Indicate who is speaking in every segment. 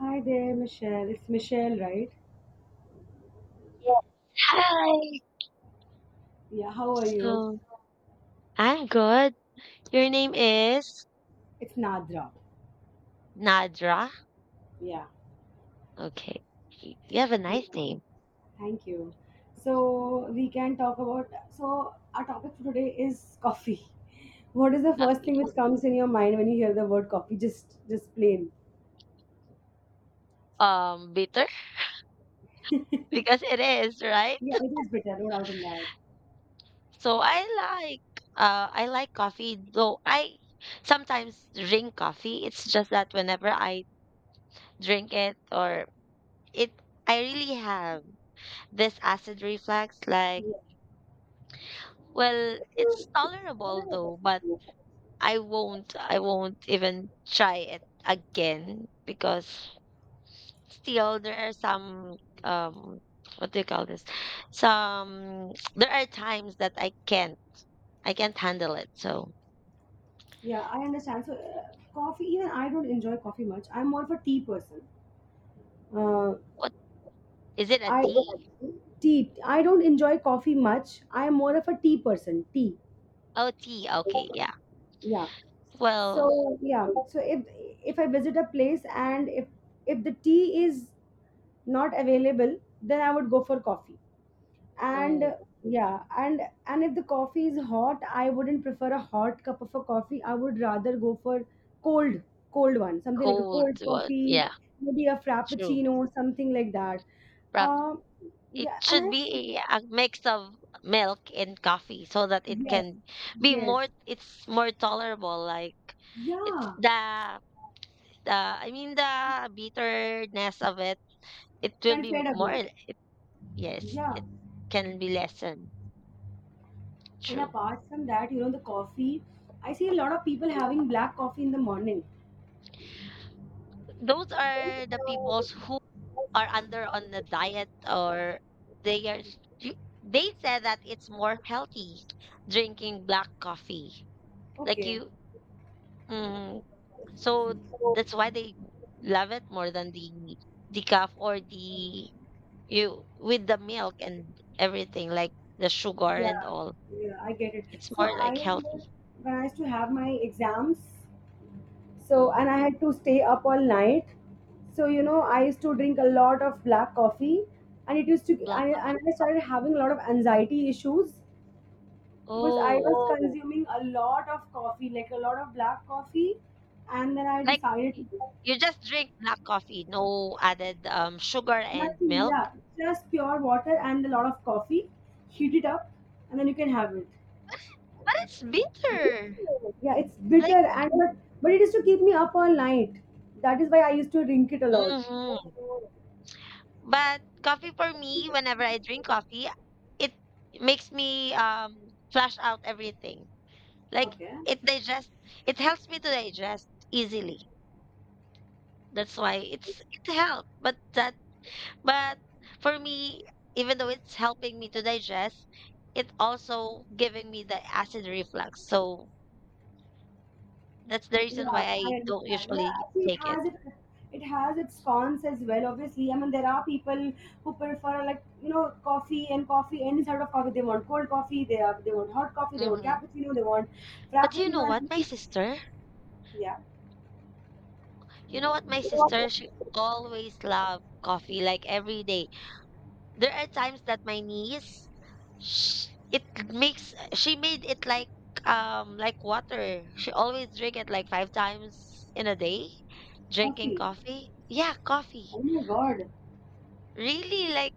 Speaker 1: Hi there, Michelle. It's Michelle, right?
Speaker 2: Hi.
Speaker 1: Yeah, how are you?
Speaker 2: So I'm good. Your name is
Speaker 1: It's Nadra.
Speaker 2: Nadra.
Speaker 1: Yeah.
Speaker 2: Okay. You have a
Speaker 1: Yeah,
Speaker 2: nice name.
Speaker 1: thank you. So, we can talk about. So, our topic for today is coffee. What is the first thing
Speaker 2: Lovely.
Speaker 1: which comes in your mind when you hear the word coffee? Just plain.
Speaker 2: Bitter because it is, right?
Speaker 1: Yeah, it is bitter, no doubt in that.
Speaker 2: So I like coffee, though I sometimes drink coffee. It's just that whenever I drink it or it I really have this acid reflux, like
Speaker 1: Yeah.
Speaker 2: well, it's tolerable though, but I won't even try it again because still there are some um what do you call this? Some there are times that I can't handle it. So
Speaker 1: Yeah, I understand. So, coffee, even I don't enjoy coffee much. I'm more of a tea person. Uh,
Speaker 2: what is it, a
Speaker 1: I
Speaker 2: tea?
Speaker 1: Tea. I don't enjoy coffee much. I am more of a tea person. Tea.
Speaker 2: Oh tea, okay, yeah.
Speaker 1: Yeah.
Speaker 2: Well,
Speaker 1: So yeah. So if I visit a place and if the tea is not available, then I would go for coffee. And
Speaker 2: oh,
Speaker 1: Yeah, and if the coffee is hot, I wouldn't prefer a hot cup of a coffee. I would rather go for cold, cold one, something like a
Speaker 2: cold
Speaker 1: cold
Speaker 2: one.
Speaker 1: coffee,
Speaker 2: Yeah,
Speaker 1: maybe a
Speaker 2: true.
Speaker 1: frappuccino, something like that.
Speaker 2: But
Speaker 1: Um,
Speaker 2: it
Speaker 1: yeah, and
Speaker 2: should
Speaker 1: I
Speaker 2: be a mix of milk and coffee so that it
Speaker 1: yes,
Speaker 2: can be
Speaker 1: yes,
Speaker 2: more, it's more tolerable like it's
Speaker 1: yeah,
Speaker 2: the. The I mean, the bitterness of it, it will
Speaker 1: can
Speaker 2: be
Speaker 1: fade
Speaker 2: more
Speaker 1: away.
Speaker 2: it yes,
Speaker 1: Yeah,
Speaker 2: it can be lessened,
Speaker 1: and
Speaker 2: true.
Speaker 1: apart from that, the coffee, I see a lot of people having black coffee in the morning.
Speaker 2: Those are the peoples who are under on the diet or they are you they said that it's more healthy drinking black coffee. Like
Speaker 1: Okay,
Speaker 2: you mm, so that's why they love it more than the decaf or the you with the milk and everything like the sugar
Speaker 1: yeah,
Speaker 2: and all.
Speaker 1: yeah, I get it.
Speaker 2: It's
Speaker 1: So
Speaker 2: more
Speaker 1: I
Speaker 2: like
Speaker 1: remember
Speaker 2: healthy.
Speaker 1: when I used to have my exams, so
Speaker 2: Mm,
Speaker 1: and I had to stay up all night. So you know, I used to drink a lot of black coffee, and it used to,
Speaker 2: black
Speaker 1: and, and I started having a lot of anxiety issues.
Speaker 2: co
Speaker 1: Because I
Speaker 2: oh.
Speaker 1: was consuming a lot of coffee, like a lot of black coffee, and then I
Speaker 2: Like,
Speaker 1: decided
Speaker 2: y
Speaker 1: to do
Speaker 2: you just drink black coffee, no added, sugar and
Speaker 1: nothing.
Speaker 2: milk?
Speaker 1: Yeah, just pure water and a lot of coffee. Heat it up, and then you can have it.
Speaker 2: But it's bitter.
Speaker 1: Yeah, it's
Speaker 2: Like
Speaker 1: bitter and but it is to keep me up all night. That is why I used to drink it a lot.
Speaker 2: mhm. But coffee for me, whenever I drink coffee, it makes me, flush out everything. Like,
Speaker 1: Okay.
Speaker 2: it digest it helps me to digest easily. That's why it's it helps, but that. But for me, even though it's helping me to digest, it also giving me the acid reflux. So that's the reason why
Speaker 1: Yeah,
Speaker 2: I
Speaker 1: I
Speaker 2: don't
Speaker 1: understand.
Speaker 2: usually
Speaker 1: Yeah, see, it
Speaker 2: take it.
Speaker 1: has it. It has its cons as well. Obviously, I mean, there are people who prefer like you know coffee any sort of coffee. They want cold coffee. They want hot coffee. They want
Speaker 2: Hmm.
Speaker 1: cappuccino. They want
Speaker 2: But you know
Speaker 1: frappuccino. And
Speaker 2: what, my
Speaker 1: everything.
Speaker 2: sister?
Speaker 1: Yeah,
Speaker 2: You know what, my
Speaker 1: they want
Speaker 2: sister? She always loved coffee, like every day. There are times that my niece, sh it makes she made it like water. She always drink it like five times in a day, drinking
Speaker 1: coffee.
Speaker 2: coffee. Yeah, coffee.
Speaker 1: Oh my god.
Speaker 2: Really? Like,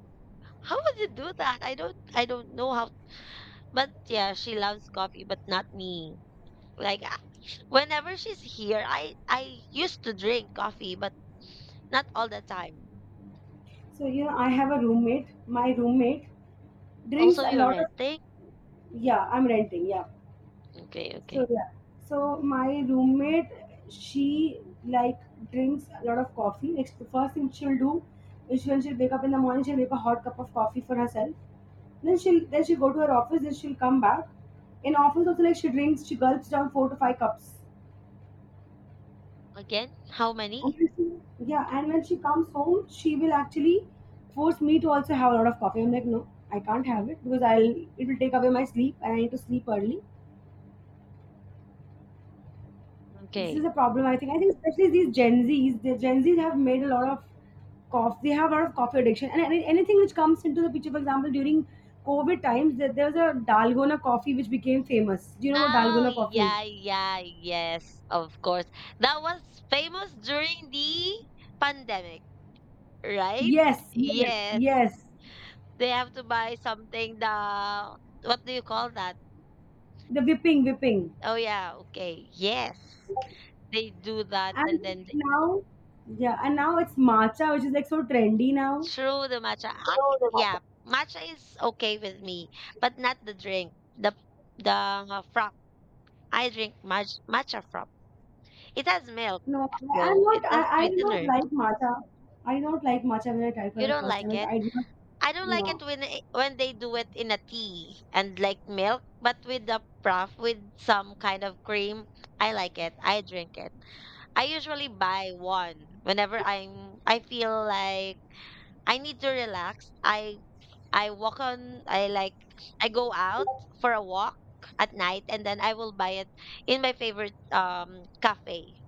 Speaker 2: how would you do that? I don't know how but yeah, she loves coffee, but not me. Like I- whenever she's here, I used to drink coffee, but not all the time.
Speaker 1: So you know, I have a roommate. My roommate drinks
Speaker 2: Also,
Speaker 1: a
Speaker 2: you're
Speaker 1: lot of.
Speaker 2: renting?
Speaker 1: Yeah, I'm renting. Yeah,
Speaker 2: Okay,
Speaker 1: so
Speaker 2: okay.
Speaker 1: yeah. So my roommate, she like drinks a lot of coffee. Like the first thing she'll do is when she'll wake up in the morning, she'll make a hot cup of coffee for herself. Then she'll go to her office, then she'll come back. In office also like she gulps down four to five cups.
Speaker 2: Again, how
Speaker 1: And
Speaker 2: many?
Speaker 1: when she- yeah, and when she comes home, she will actually force me to also have a lot of coffee. I'm like, no, I can't have it because I'll it will take away my sleep and I need to sleep early. This
Speaker 2: Okay.
Speaker 1: is a problem. I think especially these gen z's have made a lot of cough they have a lot of coffee addiction, and anything which comes into the picture, for example, during covid times there was a dalgona coffee which became famous. Do you know what
Speaker 2: Oh,
Speaker 1: dalgona coffee is?
Speaker 2: yeah, yeah, yes, of course. That was famous during the pandemic, right?
Speaker 1: Yes, yes,
Speaker 2: Yes.
Speaker 1: yes.
Speaker 2: They have to buy something the what do you call that?
Speaker 1: The whipping.
Speaker 2: Oh yeah, okay. Yes. They do that and
Speaker 1: And
Speaker 2: then they
Speaker 1: now yeah, and now it's matcha, which is like so trendy now.
Speaker 2: throw the matcha. Ah, yeah, matcha is okay with me, but not the drink. The frap. I drink match, matcha frap. It has milk though. It has
Speaker 1: I do not
Speaker 2: sweetener.
Speaker 1: like matcha. I do not like matcha. When I tried
Speaker 2: You
Speaker 1: for the
Speaker 2: don't
Speaker 1: first
Speaker 2: like
Speaker 1: time,
Speaker 2: it?
Speaker 1: I do not.
Speaker 2: I don't like
Speaker 1: No.
Speaker 2: it- when they do it in a tea and like milk, but with the froth with some kind of cream, I like it. I drink it. I usually buy one whenever I'm I feel like I need to relax. I walk on I like I go out for a walk at night and then I will buy it in my favorite cafe.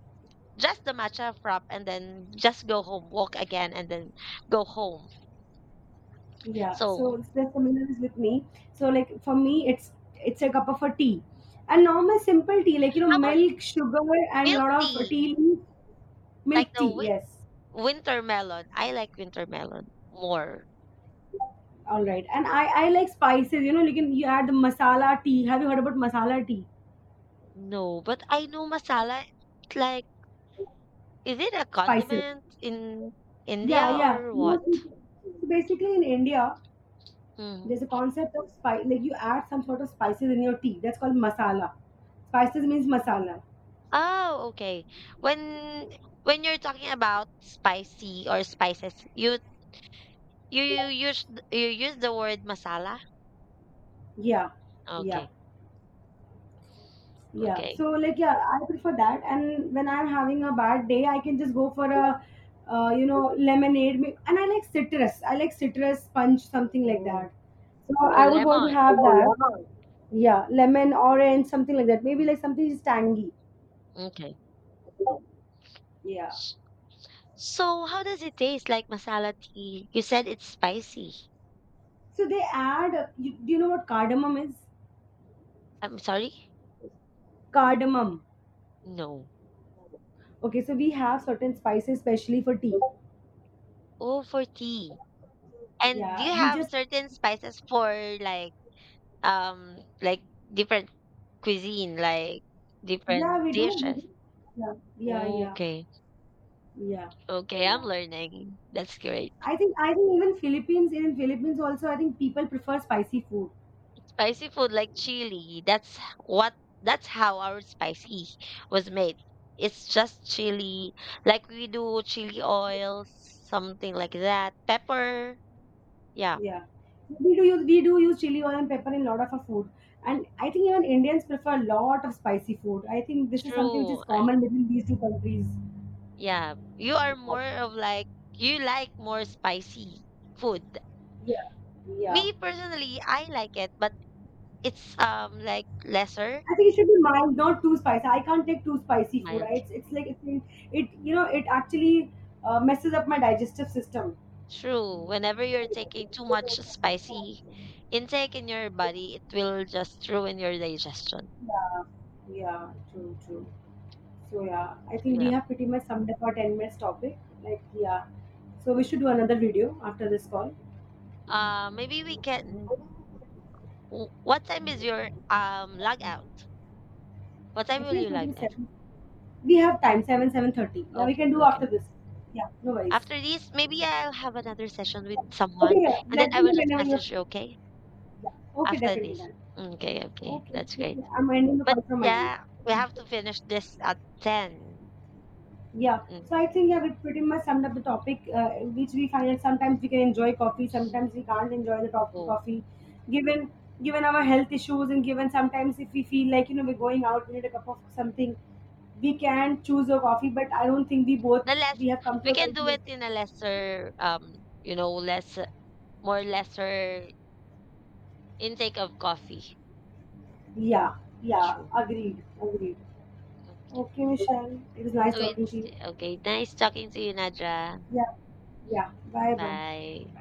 Speaker 2: Just the matcha frap and then just go home, walk again and then go home.
Speaker 1: Yeah, so
Speaker 2: So
Speaker 1: it's the similar is with me. So like for me, it's a cup of a tea, a normal simple tea like you know
Speaker 2: how about
Speaker 1: milk, sugar, and a
Speaker 2: milk
Speaker 1: lot of
Speaker 2: tea?
Speaker 1: tea leaves, milk
Speaker 2: Like the
Speaker 1: tea.
Speaker 2: win
Speaker 1: Yes,
Speaker 2: winter melon. I like winter melon more.
Speaker 1: all right. And I like spices. You know, you add the masala tea. Have you heard about masala tea?
Speaker 2: No, but I know masala. It's like, is it a
Speaker 1: Spices.
Speaker 2: condiment in
Speaker 1: Yeah,
Speaker 2: India
Speaker 1: yeah.
Speaker 2: or what?
Speaker 1: So basically in India,
Speaker 2: Mm.
Speaker 1: there's a concept of spice. Like you add some sort of spices in your tea. That's called masala. Spices means masala.
Speaker 2: Oh, okay. When when you're talking about spicy or spices, you use th- you use the word masala?
Speaker 1: Yeah, yeah.
Speaker 2: Okay.
Speaker 1: Yeah.
Speaker 2: Okay.
Speaker 1: So like yeah, I prefer that. And when I'm having a bad day, I can just go for a you know, lemonade. And I like citrus. I like citrus punch, something like
Speaker 2: Oh,
Speaker 1: that. So
Speaker 2: so
Speaker 1: I would want to
Speaker 2: lemon.
Speaker 1: have that. Yeah, lemon, orange, something like that. Maybe
Speaker 2: Mm,
Speaker 1: like something is tangy.
Speaker 2: okay.
Speaker 1: Yeah.
Speaker 2: So how does it taste like masala tea? You said it's spicy.
Speaker 1: So they add. Do you know what cardamom is?
Speaker 2: I'm sorry?
Speaker 1: Cardamom.
Speaker 2: No.
Speaker 1: Okay. So we have certain spices, especially for tea.
Speaker 2: Oh, for tea. And do you
Speaker 1: Yeah. We
Speaker 2: have
Speaker 1: just.
Speaker 2: certain spices for like like different cuisine, like
Speaker 1: Yeah,
Speaker 2: different
Speaker 1: we do. We
Speaker 2: dishes?
Speaker 1: do. Yeah. Yeah. Yeah.
Speaker 2: Okay.
Speaker 1: Yeah.
Speaker 2: Okay, I'm
Speaker 1: Yeah.
Speaker 2: learning. That's great.
Speaker 1: I think even Philippines also I think people prefer spicy food.
Speaker 2: Spicy food like chili. That's what that's how our spicy was made. It's just chili, like we do chili oil, something like that. Pepper. Yeah,
Speaker 1: Yeah. We do use chili oil and pepper in a lot of our food. And I think even Indians prefer a lot of spicy food. I think this is something which
Speaker 2: true.
Speaker 1: is
Speaker 2: I-
Speaker 1: common between these two countries.
Speaker 2: yeah, you are more of like you like more spicy food.
Speaker 1: Yeah. Yeah.
Speaker 2: Me personally, I like it, but it's like lesser.
Speaker 1: I think it should be mild, not too spicy. I can't take too spicy food.
Speaker 2: Mild.
Speaker 1: It's like it you know it actually messes up my digestive system.
Speaker 2: True. Whenever you're taking too much spicy intake in your body, it will just ruin your digestion.
Speaker 1: Yeah. Yeah. True. True. So yeah, I
Speaker 2: So,
Speaker 1: think we
Speaker 2: yeah.
Speaker 1: have pretty much summed up our 10 minutes topic. Like yeah, so we should do another video after this call.
Speaker 2: Maybe we can. W- What time is your log out? What time
Speaker 1: I
Speaker 2: will
Speaker 1: think
Speaker 2: you
Speaker 1: it's going to
Speaker 2: log
Speaker 1: be
Speaker 2: out?
Speaker 1: seven. We have time seven thirty. Yeah, we
Speaker 2: Okay,
Speaker 1: can do
Speaker 2: okay.
Speaker 1: after this. Yeah, no worries.
Speaker 2: After this, maybe I'll have another session with
Speaker 1: Okay,
Speaker 2: someone,
Speaker 1: yeah.
Speaker 2: and then
Speaker 1: Let
Speaker 2: I
Speaker 1: me
Speaker 2: will
Speaker 1: know
Speaker 2: just
Speaker 1: whenever you're
Speaker 2: message you.
Speaker 1: free.
Speaker 2: Okay,
Speaker 1: Yeah. Okay,
Speaker 2: after
Speaker 1: definitely
Speaker 2: this.
Speaker 1: done.
Speaker 2: Okay, okay.
Speaker 1: Okay,
Speaker 2: That's great.
Speaker 1: okay. I'm ending the
Speaker 2: But
Speaker 1: call from my end.
Speaker 2: yeah, we have to finish this at 10.
Speaker 1: Yeah,
Speaker 2: Mm,
Speaker 1: so I think yeah, we pretty much summed up the topic, which we find that sometimes we can enjoy coffee, sometimes we can't enjoy the top
Speaker 2: oh.
Speaker 1: coffee, given given our health issues, and given sometimes if we feel like you know we're going out, we need a cup of something, we can choose a coffee. But I don't think we both
Speaker 2: The less
Speaker 1: We have come
Speaker 2: we
Speaker 1: to a
Speaker 2: can do
Speaker 1: conclusion.
Speaker 2: it in a lesser, you know, less more lesser intake of coffee.
Speaker 1: Yeah, yeah,
Speaker 2: True.
Speaker 1: agreed, agreed.
Speaker 2: Okay.
Speaker 1: Okay, Michelle, it was nice
Speaker 2: So
Speaker 1: talking to
Speaker 2: it's
Speaker 1: you.
Speaker 2: okay. Nice talking to you, Nadja.
Speaker 1: Yeah, yeah. Bye, bye.
Speaker 2: Bye.